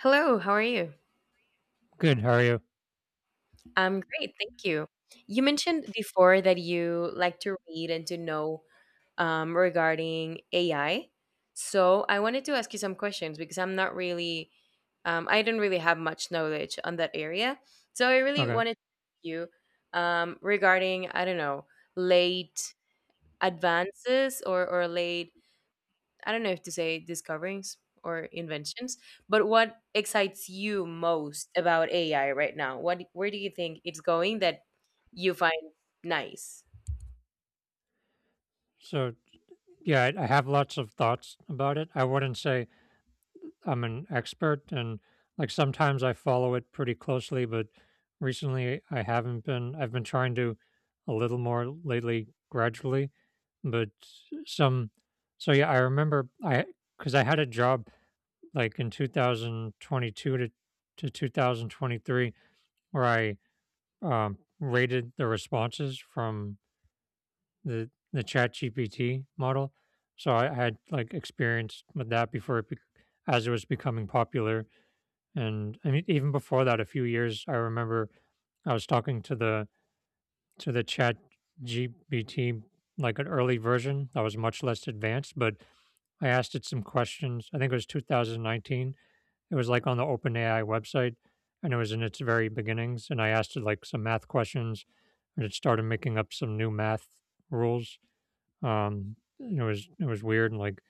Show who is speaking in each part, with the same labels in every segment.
Speaker 1: Hello, how are you?
Speaker 2: Good. How are you?
Speaker 1: I'm great, thank you. You mentioned before that you like to read and to know, regarding AI. So I wanted to ask you some questions because I'm not really, I don't really have much knowledge on that area. So I really
Speaker 2: Okay.
Speaker 1: wanted to ask you regarding, I don't know, late advances or late, I don't know if to say discoverings or inventions, but what excites you most about AI right now? What where do you think it's going that you find nice?
Speaker 2: So yeah, I have lots of thoughts about it. I wouldn't say I'm an expert, and like sometimes I follow it pretty closely, but recently I haven't been. I've been trying to a little more lately, gradually, but some. So yeah, I remember I because I had a job like in 2022 to 2023 where I um, rated the responses from the ChatGPT model. So I had like experience with that before it, as it was becoming popular, and I mean even before that, a few years. I remember I was talking to the ChatGPT like an early version that was much less advanced, but I asked it some questions. I think it was 2019. It was like on the OpenAI website, and it was in its very beginnings. And I asked it like some math questions, and it started making up some new math rules. And it was weird, and like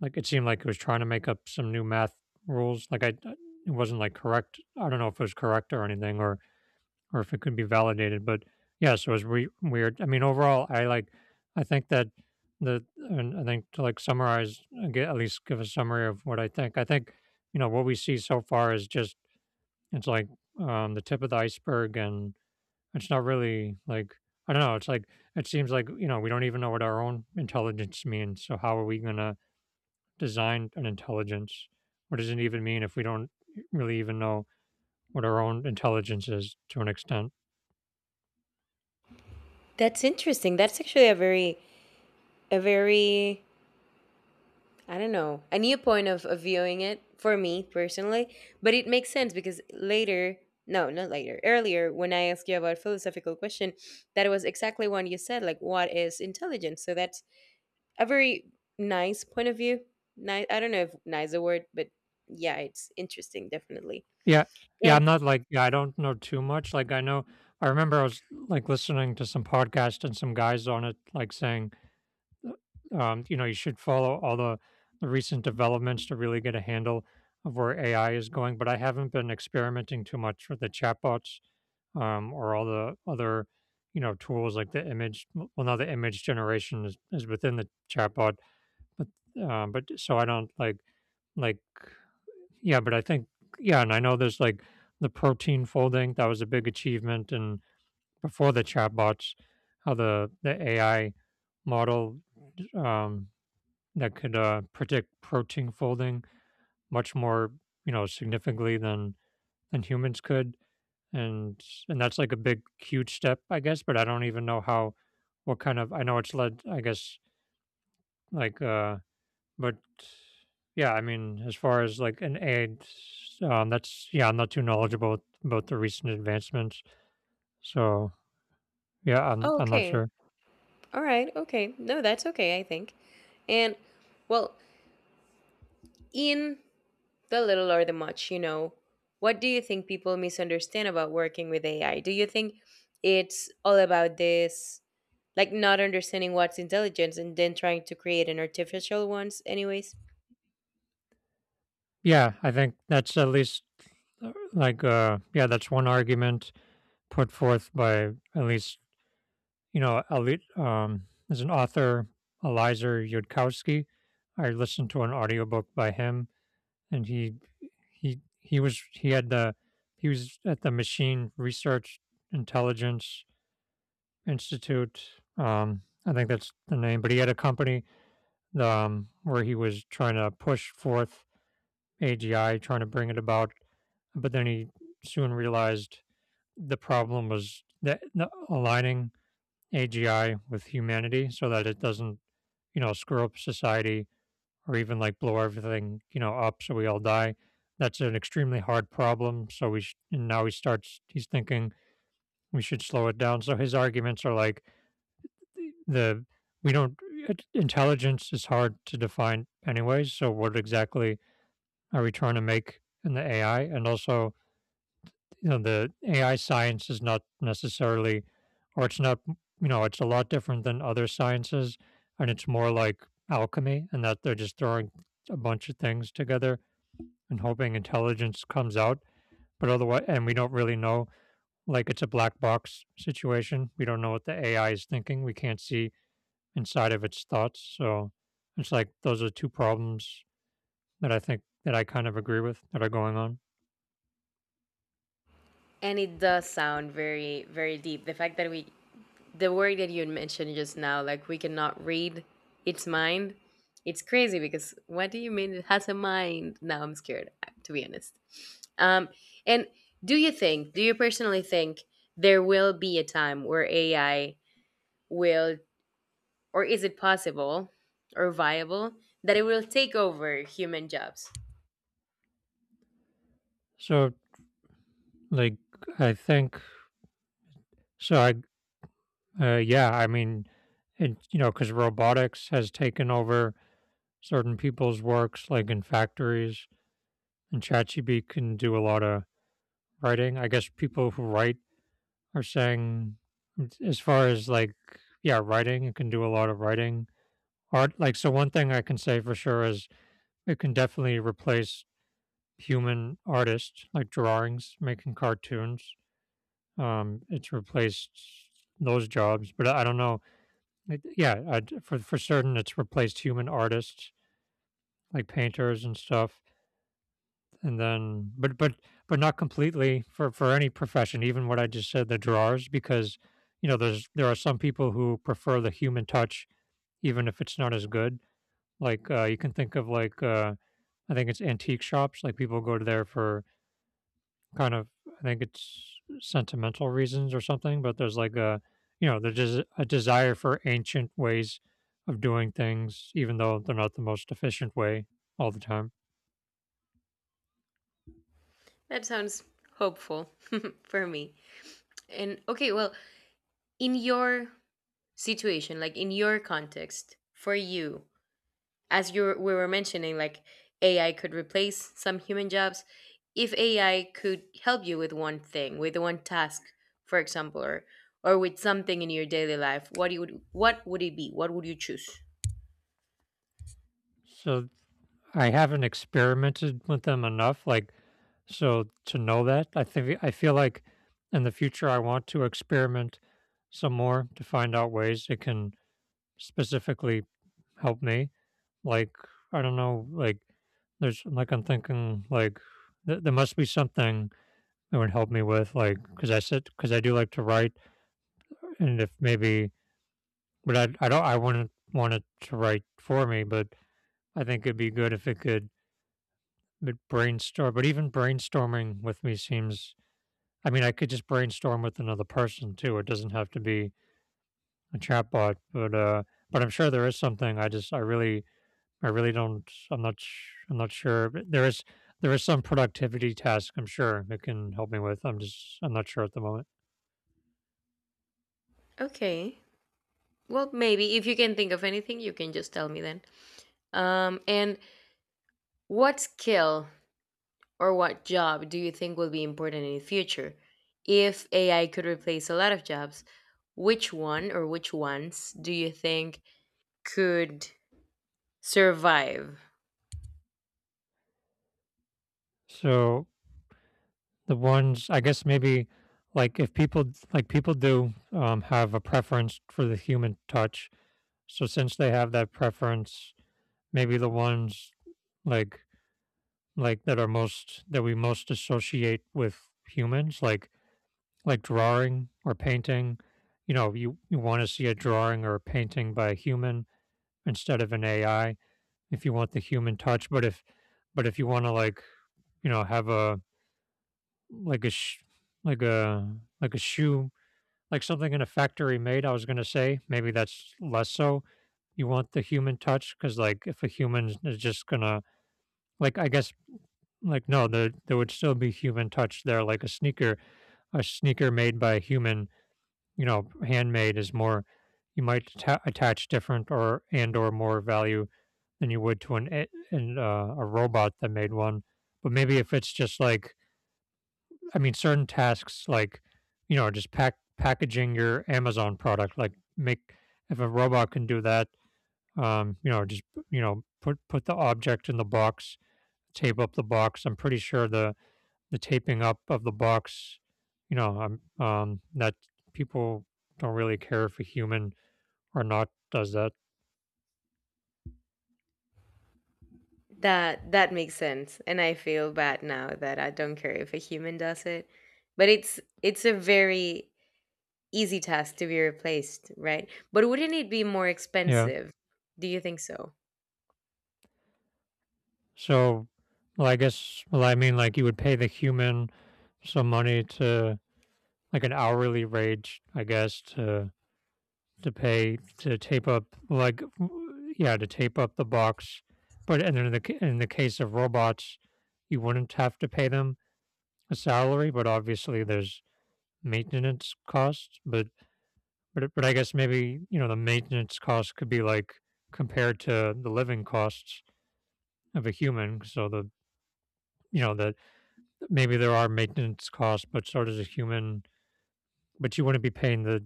Speaker 2: like it seemed like it was trying to make up some new math rules. It wasn't like correct. I don't know if it was correct or anything, or if it could be validated. But yeah, so it was weird. I mean, overall, I like. I think that the and I think to like summarize, at least give a summary of what I think. I think you know what we see so far is just it's like the tip of the iceberg, and it's not really like I don't know. It's like it seems like you know we don't even know what our own intelligence means. So how are we gonna design an intelligence? What does it even mean if we don't really even know what our own intelligence is to an extent?
Speaker 1: That's interesting. That's actually a very a very I don't know, a new point of viewing it for me personally, but it makes sense because later, no, not later. Earlier, when I asked you about philosophical question, that was exactly what you said. Like, what is intelligence? So that's a very nice point of view. I don't know if nice a word, but yeah, it's interesting, definitely.
Speaker 2: Yeah, yeah.
Speaker 1: And
Speaker 2: I'm not like yeah. I don't know too much. Like I know. I remember I was like listening to some podcast and some guys on it like saying you know, you should follow all the recent developments to really get a handle of where AI is going. But I haven't been experimenting too much with the chatbots or all the other, you know, tools like the image. Well, now the image generation is within the chatbot, but but so I don't like yeah. But I think yeah, and I know there's like the protein folding that was a big achievement, and before the chatbots, how the AI model um, that could predict protein folding much more, you know, significantly than humans could, and and that's like a big, huge step, I guess. But I don't even know how, what kind of. I know it's led, I guess, like, uh, but yeah, I mean, as far as like an aid, that's yeah, I'm not too knowledgeable about the recent advancements, so yeah, I'm
Speaker 1: oh,
Speaker 2: I'm not
Speaker 1: okay,
Speaker 2: sure.
Speaker 1: all right, okay. No, that's okay, I think. And well, in the little or the much, what do you think people misunderstand about working with AI? Do you think it's all about this, like not understanding what's intelligence and then trying to create an artificial ones, anyways?
Speaker 2: Yeah, I think that's at least yeah, that's one argument put forth by at least you know, there's an author, Elizer Yudkowsky. I listened to an audiobook by him, and he had the he was at the Machine Research Intelligence Institute. I think that's the name, but he had a company where he was trying to push forth AGI, trying to bring it about. But then he soon realized the problem was that aligning AGI with humanity so that it doesn't, you know, screw up society or even like blow everything, you know, up so we all die. That's an extremely hard problem. And now he's thinking we should slow it down. So his arguments are like the, we don't, it- intelligence is hard to define anyways. So what exactly are we trying to make in the AI? And also, you know the AI science is not necessarily, or it's not you know it's a lot different than other sciences, and it's more like alchemy, and that they're just throwing a bunch of things together and hoping intelligence comes out. But otherwise, and we don't really know, like it's a black box situation. We don't know what the AI is thinking. We can't see inside of its thoughts. So it's like those are two problems that I think that I kind of agree with that are going on.
Speaker 1: And it does sound very, very deep. The fact that we the word that you had mentioned just now, like we cannot read its mind. It's crazy because what do you mean it has a mind? Now I'm scared, to be honest. Um, and do you personally think there will be a time where AI will, or is it possible or viable that it will take over human jobs?
Speaker 2: So like I think so I yeah, I mean, it, you know, because robotics has taken over certain people's works, like in factories, and ChatGPT can do a lot of writing. I guess people who write are saying, as far as like, yeah, writing, it can do a lot of writing. Art, like, so one thing I can say for sure is it can definitely replace human artists, like drawings, making cartoons. It's replaced those jobs, but I don't know. Like, yeah, I d for certain, it's replaced human artists, like painters and stuff, and then but not completely for any profession, even what I just said, the drawers, because, you know, there are some people who prefer the human touch even if it's not as good. You can think of, I think it's antique shops, like, people go to there for kind of I think it's sentimental reasons or something, but there's like a you know there's just a desire for ancient ways of doing things, even though they're not the most efficient way all the time.
Speaker 1: That sounds hopeful for me. And okay, well, in your situation, like in your context, for you, as you we were mentioning, like AI could replace some human jobs. If AI could help you with one thing, with one task, for example, or with something in your daily life, what would it be? What would you choose?
Speaker 2: So I haven't experimented with them enough, like so to know that. I think I feel like in the future I want to experiment some more to find out ways it can specifically help me. Like, I don't know, like, there's like, I'm thinking, like, there must be something that would help me with, like, because because I do like to write, and if maybe, but I wouldn't want it to write for me, but I think it'd be good if it could but brainstorm, but even brainstorming with me seems, I mean, I could just brainstorm with another person too. It doesn't have to be a chatbot, but I'm sure there is something. I really don't. I'm not sure. But there is some productivity task I'm sure it can help me with. I'm just. I'm not sure at the moment.
Speaker 1: Okay. Well, maybe if you can think of anything, you can just tell me then. And what skill or what job do you think will be important in the future? If AI could replace a lot of jobs, which one or which ones do you think could survive.
Speaker 2: So the ones I guess maybe like if people like people do have a preference for the human touch. So since they have that preference, maybe the ones like that are most that we most associate with humans, like drawing or painting. You want to see a drawing or a painting by a human instead of an AI if you want the human touch. But if you want to like you know have a like a sh- like a like a shoe like something in a factory made, I was gonna say maybe that's less so. You want the human touch because like if a human is just gonna like I guess like no there would still be human touch there like a sneaker made by a human you know, handmade is more you might attach different or and or more value than you would to a robot that made one. But maybe if it's just like I mean, certain tasks like, you know, just packaging your Amazon product, like make if a robot can do that, you know, just, you know, put the object in the box, tape up the box. I'm pretty sure the taping up of the box, that people don't really care if a human or not does that.
Speaker 1: That makes sense. And I feel bad now that I don't care if a human does it. But it's a very easy task to be replaced, right? But wouldn't it be more
Speaker 2: Yeah.
Speaker 1: expensive? Do you think so?
Speaker 2: So, well, I guess, well, I mean, like you would pay the human some money to like an hourly rate, I guess, to pay to tape up like yeah, to tape up the box. But and then in in the case of robots, you wouldn't have to pay them a salary, but obviously there's maintenance costs. But I guess maybe, you know, the maintenance cost could be like compared to the living costs of a human. So the you know that maybe there are maintenance costs, but so does a human. But you wouldn't be paying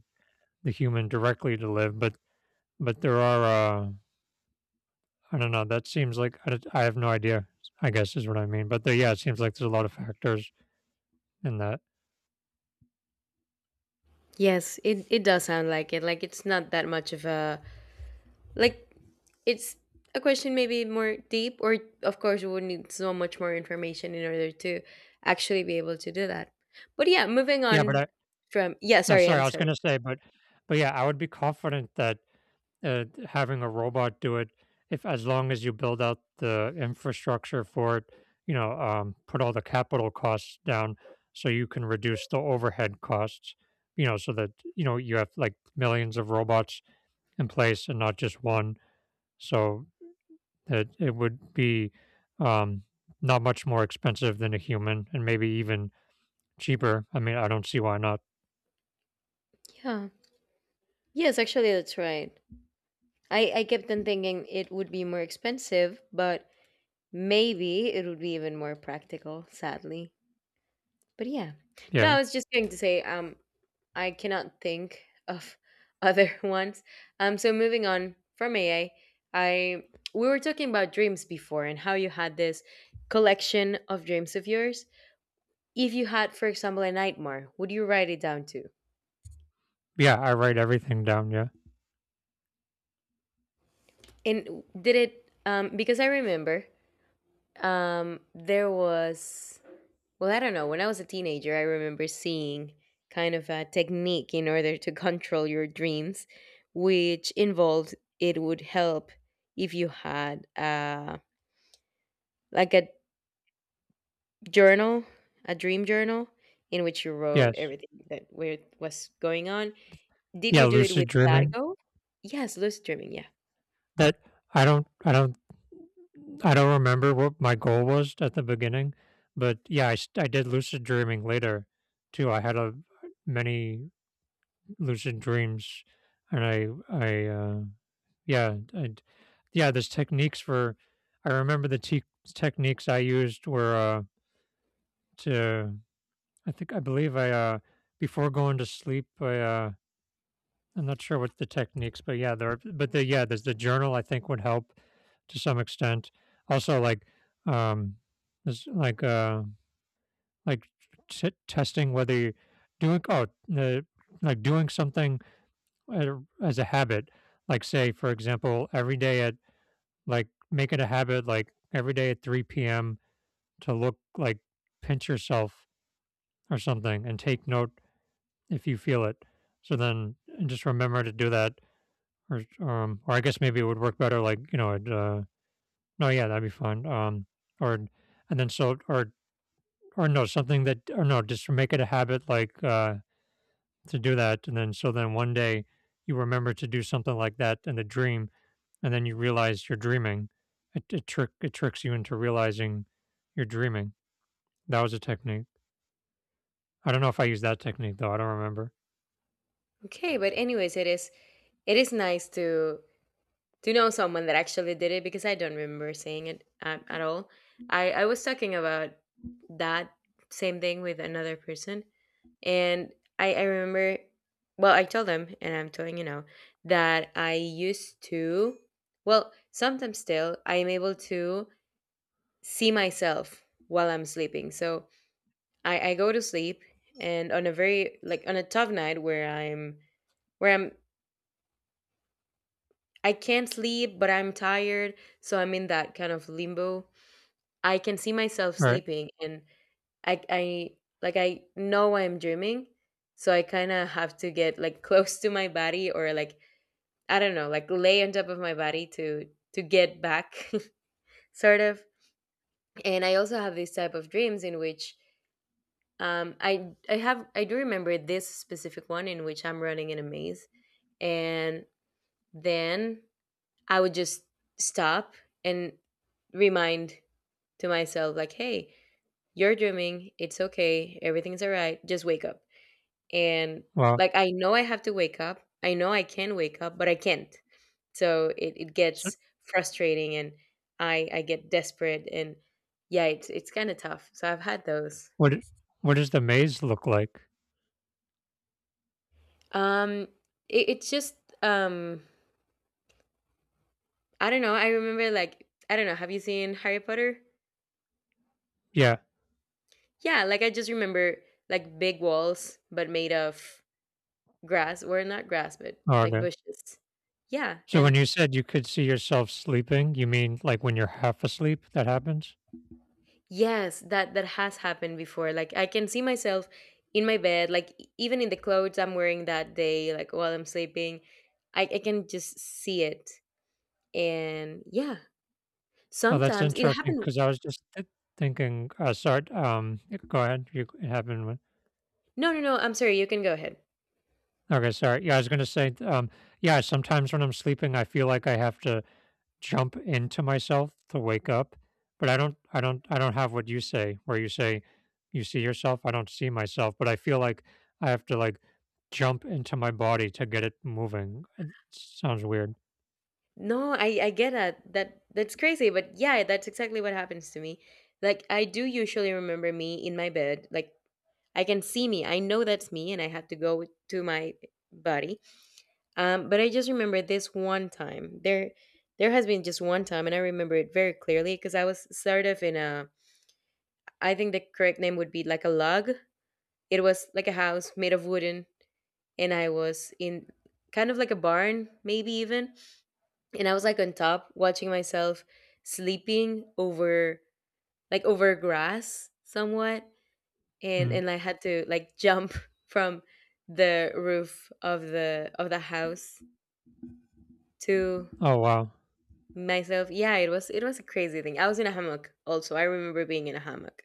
Speaker 2: the human directly to live. But there are. I don't know. That seems like I have no idea. I guess is what I mean. But there, yeah, it seems like there's a lot of factors in that.
Speaker 1: Yes, it does sound like it. Like it's not that much of a, like, it's a question maybe more deep, or of course we would need so much more information in order to actually be able to do that. But yeah, moving
Speaker 2: Yeah, but
Speaker 1: on
Speaker 2: I,
Speaker 1: from, yeah,
Speaker 2: No,
Speaker 1: sorry,
Speaker 2: sorry,
Speaker 1: I'm
Speaker 2: I was gonna
Speaker 1: sorry.
Speaker 2: say, but yeah, I would be confident that having a robot do it, if as long as you build out the infrastructure for it, you know, put all the capital costs down, so you can reduce the overhead costs, you know, so that you know you have like millions of robots in place and not just one, so that it would be um, not much more expensive than a human, and maybe even cheaper. I mean, I don't see why not.
Speaker 1: Yeah. Yes, actually, that's right. I kept on thinking it would be more expensive, but maybe it would be even more practical, sadly. But yeah. No,
Speaker 2: Yeah,
Speaker 1: I was just going to say, I cannot think of other ones. So moving on from AA, we were talking about dreams before and how you had this collection of dreams of yours. If you had, for example, a nightmare, would you write it down too?
Speaker 2: yeah, I write everything down. Yeah.
Speaker 1: And did it because I remember, there was, well, I don't know. When I was a teenager, I remember seeing kind of a technique in order to control your dreams, which involved, it would help if you had, like a journal, a dream journal in which you wrote
Speaker 2: Yes.
Speaker 1: everything that where was going on. Did
Speaker 2: Yeah,
Speaker 1: you do it
Speaker 2: lucid
Speaker 1: with that
Speaker 2: dreaming.
Speaker 1: goal? Yes, lucid dreaming. Yeah.
Speaker 2: That I don't I don't I don't remember what my goal was at the beginning, but yeah, I did lucid dreaming later too. I had a many lucid dreams and I, yeah, there's techniques for I remember the te techniques I used were, to I think I believe I, before going to sleep, I I'm not sure what's the techniques, but yeah, there's the journal. I think would help to some extent. Also, like, um, there's like testing whether you're doing oh, uh, like doing something at as a habit. Like, say for example, every day at like make it a habit, like every day at 3 p.m. to look like pinch yourself or something and take note if you feel it. So then and just remember to do that or I guess maybe it would work better like you know, it, no, yeah, that'd be fun. Or and then so or no, something that or no, just to make it a habit to do that, and then so then one day you remember to do something like that in the dream, and then you realize you're dreaming. It tricks you into realizing you're dreaming. That was a technique. I don't know if I used that technique though. I don't remember.
Speaker 1: Okay, but anyways, it is nice to. Do you know someone that actually did it? Because I don't remember seeing it at all. I was talking about that same thing with another person. And I remember, well, I told them, and I'm telling you now, that I used to, well, sometimes still, I am able to see myself while I'm sleeping. So I go to sleep, and on a very, like, on a tough night where I'm, I can't sleep, but I'm tired. So I'm in that kind of limbo, I can see myself
Speaker 2: All right.
Speaker 1: sleeping, and I like, I know I'm dreaming, so I kind of have to get like close to my body, or like, I don't know, like lay on top of my body to get back sort of. And I also have this type of dreams in which I do remember this specific one in which I'm running in a maze, and then I would just stop and remind to myself like, hey, you're dreaming. It's okay. Everything's all right. Just wake up. And
Speaker 2: Well,
Speaker 1: like, I know I have to wake up. I know I can wake up, but I can't. So it
Speaker 2: so
Speaker 1: gets frustrating, and I get desperate. And yeah, it's kind of tough. So I've had those.
Speaker 2: what i- what does the maze look like?
Speaker 1: Um, it's just, um, I don't know. I remember, like, I don't know. Have you seen Harry Potter?
Speaker 2: Yeah.
Speaker 1: Yeah. Like, I just remember like big walls, but made of grass, or not grass, but
Speaker 2: Oh,
Speaker 1: like
Speaker 2: okay.
Speaker 1: bushes. Yeah,
Speaker 2: So
Speaker 1: and
Speaker 2: when you said you could see yourself sleeping, you mean like when you're half asleep that happens?
Speaker 1: yes, that has happened before. Like I can see myself in my bed, like even in the clothes I'm wearing that day, like while I'm sleeping, I can just see it. And yeah,
Speaker 2: Oh, that's
Speaker 1: sometimes it
Speaker 2: interesting
Speaker 1: happened.
Speaker 2: because I was just thinking. Sorry. Go ahead. You it happened when.
Speaker 1: No, no, no. I'm sorry. You can go ahead.
Speaker 2: Okay, sorry. Yeah, I was gonna say. Yeah, sometimes when I'm sleeping, I feel like I have to jump into myself to wake up, but I don't have what you say where you say you see yourself, I don't see myself, but I feel like I have to like jump into my body to get it moving. It sounds weird.
Speaker 1: No, I get that. That's crazy, but yeah, that's exactly what happens to me. Like I do usually remember me in my bed. Like I can see me. I know that's me, and I have to go to my body. But I just remember this one time. There has been just one time, and I remember it very clearly because I was sort of in a, I think the correct name would be like a log. It was like a house made of wooden, and I was in kind of like a barn, maybe even. And I was like on top watching myself sleeping over, like over grass somewhat, and
Speaker 2: Mm.
Speaker 1: I had to like jump from the roof of the house to
Speaker 2: Oh wow.
Speaker 1: myself. Yeah, it was a crazy thing. I was in a hammock also. I remember being in a hammock.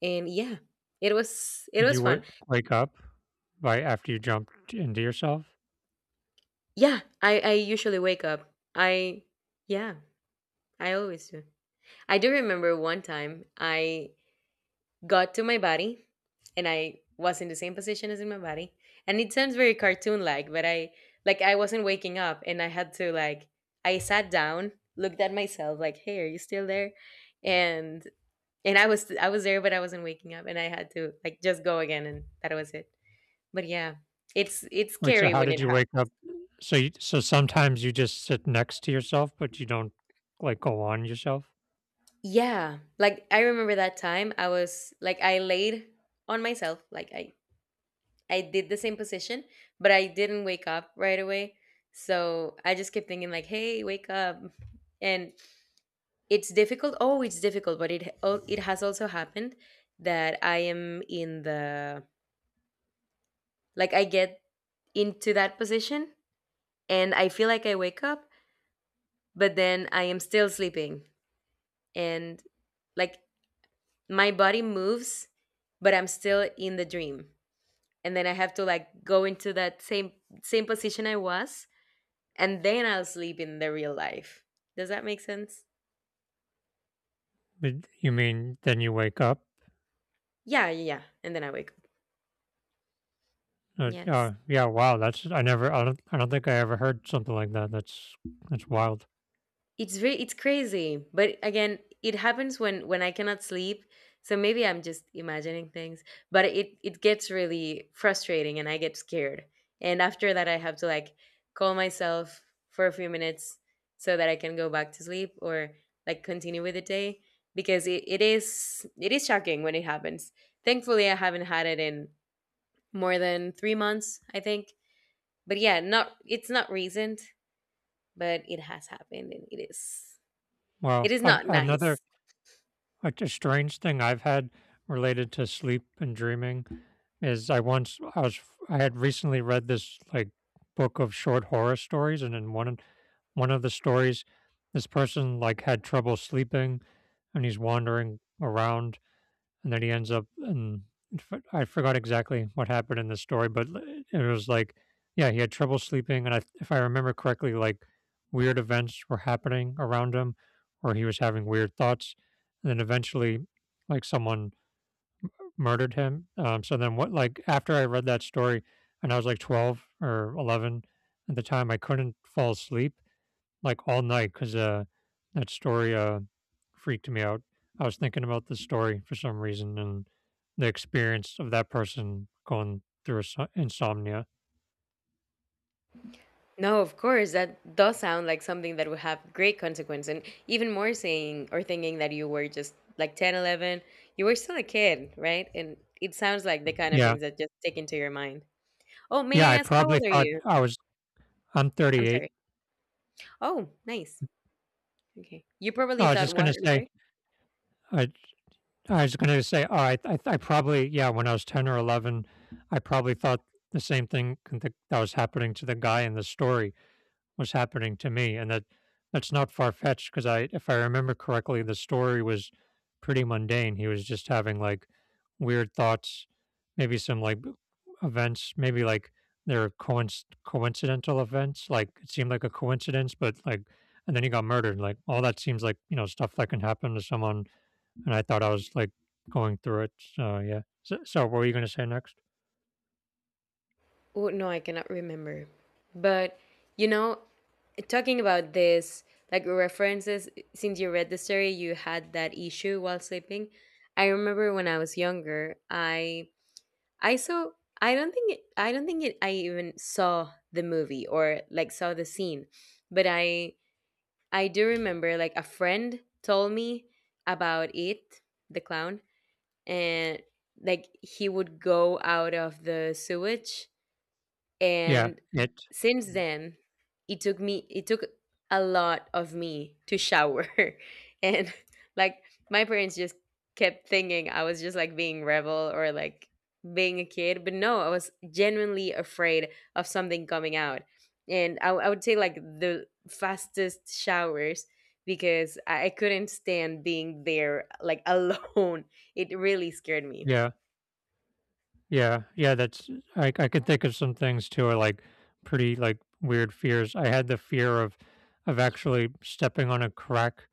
Speaker 1: And yeah, it was
Speaker 2: Did you
Speaker 1: fun.
Speaker 2: wake up by after you jumped into yourself?
Speaker 1: Yeah, I usually wake up. I yeah, I always do. I do remember one time I got to my body, and I was in the same position as in my body. And it sounds very cartoon like, but I wasn't waking up, and I had to like, I sat down, looked at myself like, "Hey, are you still there?" And and I was there, but I wasn't waking up, and I had to like just go again, and that was it. But yeah, it's
Speaker 2: Wait, so
Speaker 1: scary
Speaker 2: how
Speaker 1: when
Speaker 2: did
Speaker 1: it
Speaker 2: you
Speaker 1: happens.
Speaker 2: wake up? So sometimes you just sit next to yourself, but you don't like go on yourself?
Speaker 1: Yeah, like I remember that time I was like I laid on myself, like I did the same position, but I didn't wake up right away. So I just kept thinking like, "Hey, wake up." And it's difficult. Oh, it's difficult, but it has also happened that I am in the, like, I get into that position, and I feel like I wake up, but then I am still sleeping, and like my body moves, but I'm still in the dream, and then I have to like go into that same position I was, and then I'll sleep in the real life. Does that make sense?
Speaker 2: But you mean then you wake up?
Speaker 1: Yeah, yeah, yeah. And then I wake up. Yes.
Speaker 2: Yeah, yeah, wow, that's I don't think I ever heard something like that. That's wild.
Speaker 1: It's very it's crazy. But again, it happens when I cannot sleep. So maybe I'm just imagining things, but it gets really frustrating, and I get scared. And after that I have to like call myself for a few minutes so that I can go back to sleep, or like continue with the day because it is shocking when it happens. Thankfully I haven't had it in more than 3 months, I think. But yeah, not it's not recent, but it has happened, and it
Speaker 2: Wow.
Speaker 1: is
Speaker 2: I,
Speaker 1: not
Speaker 2: another
Speaker 1: nice.
Speaker 2: Like a strange thing I've had related to sleep and dreaming is I once I was I had recently read this like book of short horror stories, and in one of the stories, this person like had trouble sleeping, and he's wandering around and then he ends up and I forgot exactly what happened in the story, but it was like, yeah, he had trouble sleeping, and I, if I remember correctly, like weird events were happening around him, or he was having weird thoughts, and then eventually, like someone murdered him. So then, what? Like after I read that story, and I was like 12 or 11 at the time, I couldn't fall asleep like all night because that story freaked me out. I was thinking about the story for some reason and the experience of that person going through insomnia.
Speaker 1: No, of course, that does sound like something that would have great consequence. And even more saying or thinking that you were just like 10, 11, you were still a kid, right? And it sounds like the kind of
Speaker 2: Yeah,
Speaker 1: things that just stick into your mind. Oh,
Speaker 2: yeah.
Speaker 1: may
Speaker 2: I
Speaker 1: I ask, how
Speaker 2: probably
Speaker 1: old are
Speaker 2: thought
Speaker 1: you?
Speaker 2: I was. I'm
Speaker 1: I'm
Speaker 2: 38.
Speaker 1: sorry. Oh, nice. Okay. You
Speaker 2: Oh,
Speaker 1: probably
Speaker 2: I was
Speaker 1: thought,
Speaker 2: just
Speaker 1: what?
Speaker 2: gonna
Speaker 1: I'm
Speaker 2: say.
Speaker 1: sorry.
Speaker 2: I I was gonna say. Oh, I probably yeah. When I was 10 or 11, I probably thought the same thing that was happening to the guy in the story. Was happening to me, and that's not far fetched because I, if I remember correctly, the story was pretty mundane. He was just having like weird thoughts, maybe some like events, maybe like they're coincidental events. Like it seemed like a coincidence, but like, and then he got murdered. Like all that seems like you know stuff that can happen to someone. And I thought I was like going through it. So yeah. So, so what were you going to say next?
Speaker 1: Oh, no, I cannot remember. But, you know, talking about this, like references, since you read the story, you had that issue while sleeping. I remember when I was younger, I saw I don't think it, I don't think it, I even saw the movie or like saw the scene, but I do remember like a friend told me about it, the clown, and like he would go out of the sewage,
Speaker 2: Yeah.
Speaker 1: and
Speaker 2: It.
Speaker 1: since then it took a lot of me to shower and like my parents just kept thinking I was just like being rebel or like being a kid, but no, I was genuinely afraid of something coming out. And I would say like the fastest showers because I couldn't stand being there like alone. It really scared me.
Speaker 2: Yeah. Yeah, yeah, that's I could think of some things too are like pretty like weird fears. I had the fear of actually stepping on a crack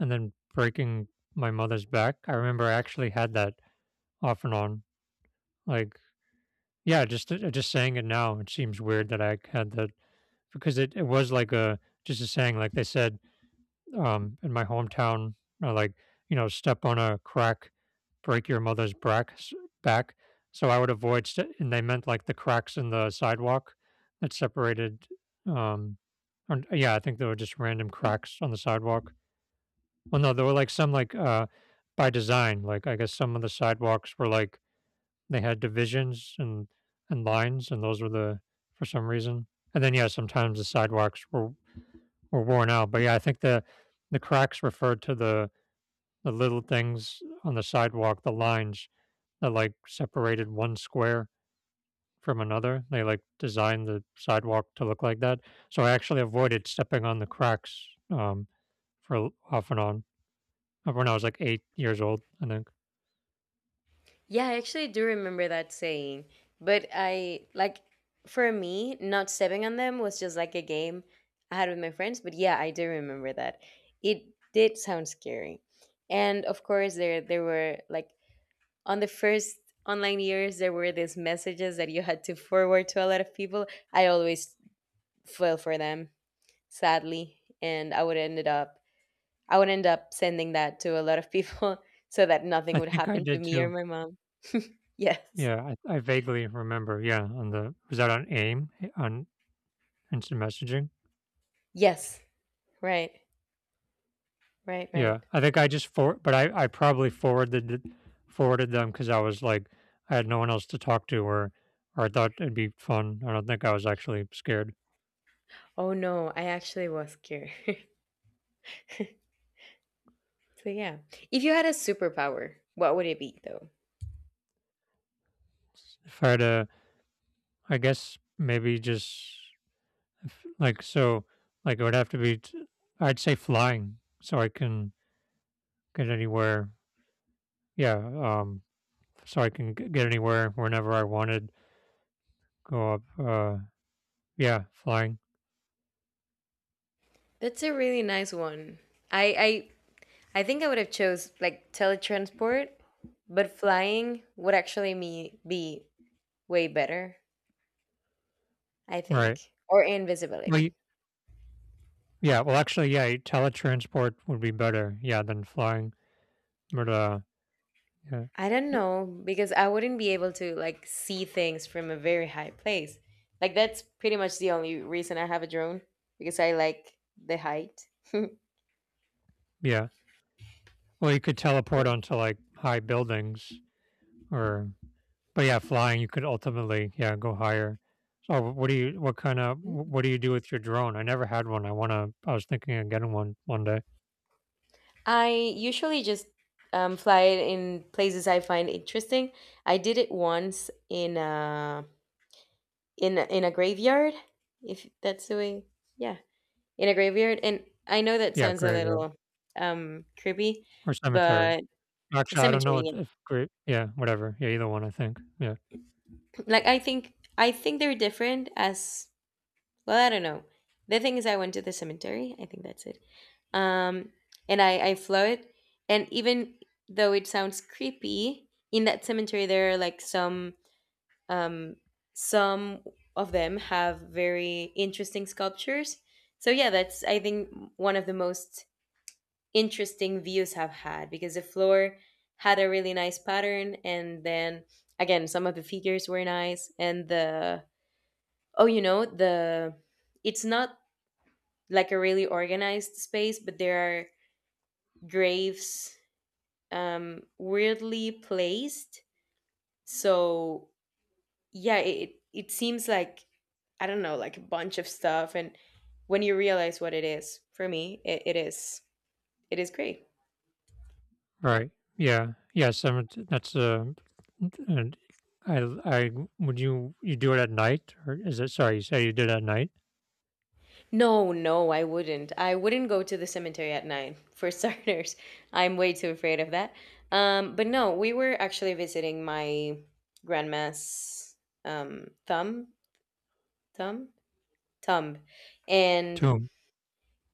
Speaker 2: and then breaking my mother's back. I remember I actually had that off and on. Like, yeah, just saying it now, it seems weird that I had that because it was like a just a saying, like they said, in my hometown, like, you know, step on a crack, break your mother's back. So I would avoid, and they meant like the cracks in the sidewalk that separated. Um, or, yeah, I think there were just random cracks on the sidewalk. Well, no, there were like some like by design. Like I guess some of the sidewalks were like they had divisions and lines, and those were the for some reason. And then yeah, sometimes the sidewalks were worn out. But yeah, I think the cracks referred to the little things on the sidewalk, the lines that like separated one square from another. They like designed the sidewalk to look like that. So I actually avoided stepping on the cracks for off and on when I was like 8 years old. I think
Speaker 1: Yeah, I actually do remember that saying. But I like, for me, not stepping on them was just like a game I had with my friends. But yeah, I do remember that. It did sound scary. And of course there were like, on the first online years, there were these messages that you had to forward to a lot of people. I always fell for them, sadly. And I would end up sending that to a lot of people so that nothing
Speaker 2: I
Speaker 1: would
Speaker 2: think I
Speaker 1: happen to
Speaker 2: did
Speaker 1: me or
Speaker 2: too.
Speaker 1: my mom. Yes.
Speaker 2: Yeah, I vaguely remember. Yeah, on the was that on AIM on instant messaging?
Speaker 1: Yes. Right, right, right.
Speaker 2: Yeah, I think I probably forwarded them because I was like I had no one else to talk to, or I thought it'd be fun. I don't think I was actually scared.
Speaker 1: Oh no, I actually was scared. So yeah, if you had a superpower, what would it be though?
Speaker 2: If I had to, I guess maybe just if, like so, like it would have to be. I'd say flying, so I can get anywhere. Yeah, so I can get anywhere whenever I wanted. Go up. Yeah, flying.
Speaker 1: That's a really nice one. I I think I would have chose like teletransport, but flying would actually me be way better, I
Speaker 2: Right.
Speaker 1: think, or invisibility.
Speaker 2: Well, Yeah, well, actually, yeah, teletransport would be better, yeah, than flying. But yeah,
Speaker 1: I don't know, because I wouldn't be able to like see things from a very high place. Like that's pretty much the only reason I have a drone, because I like the height.
Speaker 2: yeah. Well, you could teleport
Speaker 1: Yeah.
Speaker 2: onto like high buildings, or but yeah, flying you could ultimately yeah go higher. So what do you do with your drone? I never had one. I wanna. I was thinking of getting one one day.
Speaker 1: I usually just fly it in places I find interesting. I did it once in a in a graveyard, if that's the way. Yeah, in a graveyard, and I know that
Speaker 2: Yeah,
Speaker 1: sounds a
Speaker 2: graveyard
Speaker 1: little creepy,
Speaker 2: or cemetery.
Speaker 1: but a
Speaker 2: Actually, I don't know
Speaker 1: cemetery.
Speaker 2: what
Speaker 1: Yeah.
Speaker 2: if great. Yeah, whatever. Yeah, either one. I think. Yeah.
Speaker 1: Like I think they're different as— Well, I don't know. The thing is, I went to the cemetery. I think that's it. Um, and I float, and even though it sounds creepy, in that cemetery there are like um some of them have very interesting sculptures. So yeah, that's I think one of the most interesting views I've had, because the floor had a really nice pattern, and then again some of the figures were nice, and the— oh, you know, the— it's not like a really organized space, but there are graves weirdly placed. So yeah, it seems like, I don't know, like a bunch of stuff, and when you realize what it is, for me, it, it is great.
Speaker 2: Right. Yeah. Yes. That's and I I would you you do it at night or is it? Sorry, you say you did it at night.
Speaker 1: No, no, I wouldn't. I wouldn't go to the cemetery at night for starters. I'm way too afraid of that. But no, we were actually visiting my grandma's thumb thumb Thumb and
Speaker 2: Tomb.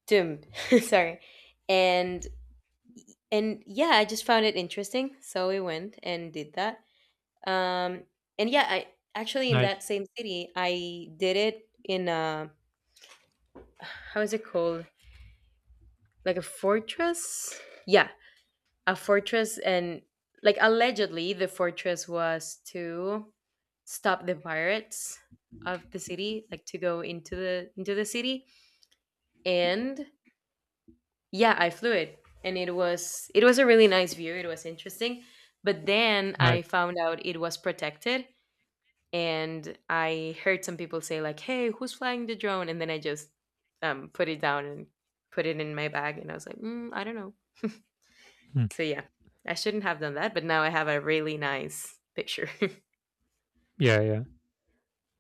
Speaker 1: Tumb. Sorry. And and yeah, I just found it interesting, so we went and did that. Um and yeah, I actually, in that
Speaker 2: Nice.
Speaker 1: same city, I did it in a— how is it called? Like a fortress? Yeah, a fortress, and like allegedly the fortress was to stop the pirates of the city, like to go into the city. And yeah, I flew it, and it was a really nice view. It was interesting, but then
Speaker 2: Nice.
Speaker 1: I found out it was protected, and I heard some people say like, hey, who's flying the drone? And then I just put it down and put it in my bag, and I was like, mm, I don't know.
Speaker 2: Hmm.
Speaker 1: So yeah, I shouldn't have done that, but now I have a really nice picture.
Speaker 2: Yeah. Yeah.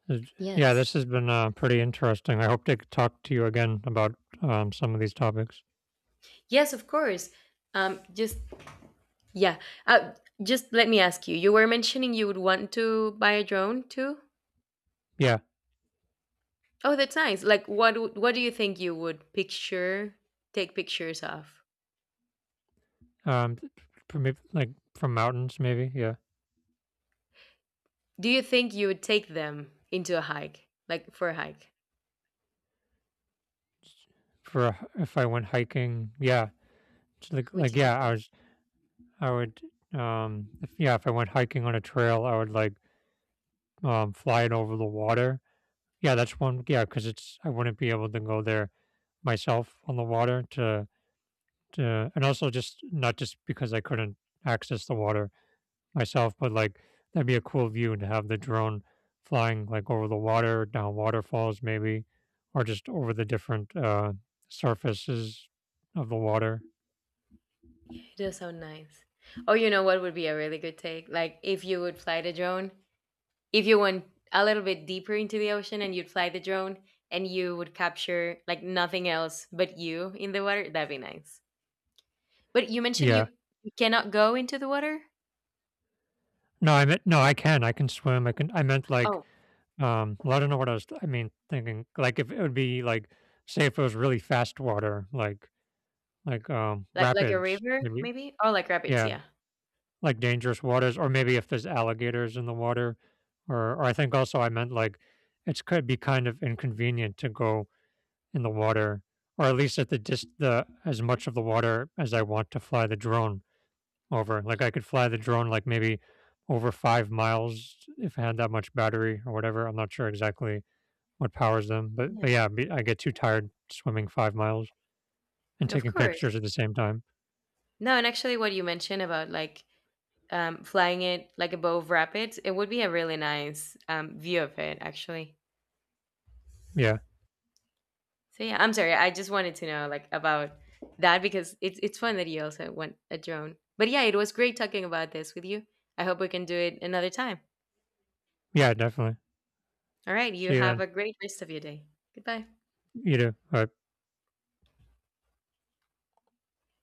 Speaker 2: It's- Yeah.
Speaker 1: Yes.
Speaker 2: This has been pretty interesting. I hope to talk to you again about some of these topics.
Speaker 1: Yes, of course. Just, yeah, uh, just let me ask you, you were mentioning you would want to buy a drone too.
Speaker 2: Yeah.
Speaker 1: Oh, that's nice. Like what what do you think you would picture take pictures of?
Speaker 2: Um, th- for me, like from mountains maybe. Yeah.
Speaker 1: Do you think you would take them into a hike? Like for a hike?
Speaker 2: For a if I went hiking. Yeah. It's
Speaker 1: Would
Speaker 2: like
Speaker 1: you take
Speaker 2: yeah, I
Speaker 1: them?
Speaker 2: was I would if, yeah if I went hiking on a trail I would like flying over the water. Yeah, that's one. Yeah, because it's I wouldn't be able to go there myself on the water to, and also just not just because I couldn't access the water myself, but like that'd be a cool view to have the drone flying like over the water, down waterfalls maybe, or just over the different surfaces of the water.
Speaker 1: It does sound nice. Oh, you know what would be a really good take? Like if you would fly the drone, if you went a little bit deeper into the ocean and you'd fly the drone, and you would capture like nothing else but you in the water, that'd be nice. But you mentioned
Speaker 2: Yeah.
Speaker 1: you cannot go into the water?
Speaker 2: No, I meant no, I can. I can swim. I can. I meant like,
Speaker 1: Oh,
Speaker 2: well, I don't know what I was. I mean, thinking like if it would be like, say, if it was really fast water, like,
Speaker 1: like a
Speaker 2: rapids,
Speaker 1: river
Speaker 2: maybe.
Speaker 1: maybe? Oh, like rapids,
Speaker 2: Yeah,
Speaker 1: yeah.
Speaker 2: like dangerous waters, or maybe if there's alligators in the water, or I think also I meant like it could be kind of inconvenient to go in the water, or at least at the dis the as much of the water as I want to fly the drone over. Like I could fly the drone like maybe over 5 miles if I had that much battery or whatever. I'm not sure exactly what powers them,
Speaker 1: Yeah,
Speaker 2: but yeah, I get too tired swimming 5 miles and
Speaker 1: of
Speaker 2: taking
Speaker 1: course.
Speaker 2: pictures at the same time.
Speaker 1: No, and actually, what you mentioned about like flying it like above rapids, it would be a really nice view of it, actually.
Speaker 2: Yeah,
Speaker 1: So yeah, I'm sorry. I just wanted to know like about that, because it's fun that you also want a drone. But yeah, it was great talking about this with you. I hope we can do it another time.
Speaker 2: yeah, definitely.
Speaker 1: All right, you
Speaker 2: See you
Speaker 1: have
Speaker 2: then.
Speaker 1: a great rest of your day. Goodbye.
Speaker 2: You do. All right.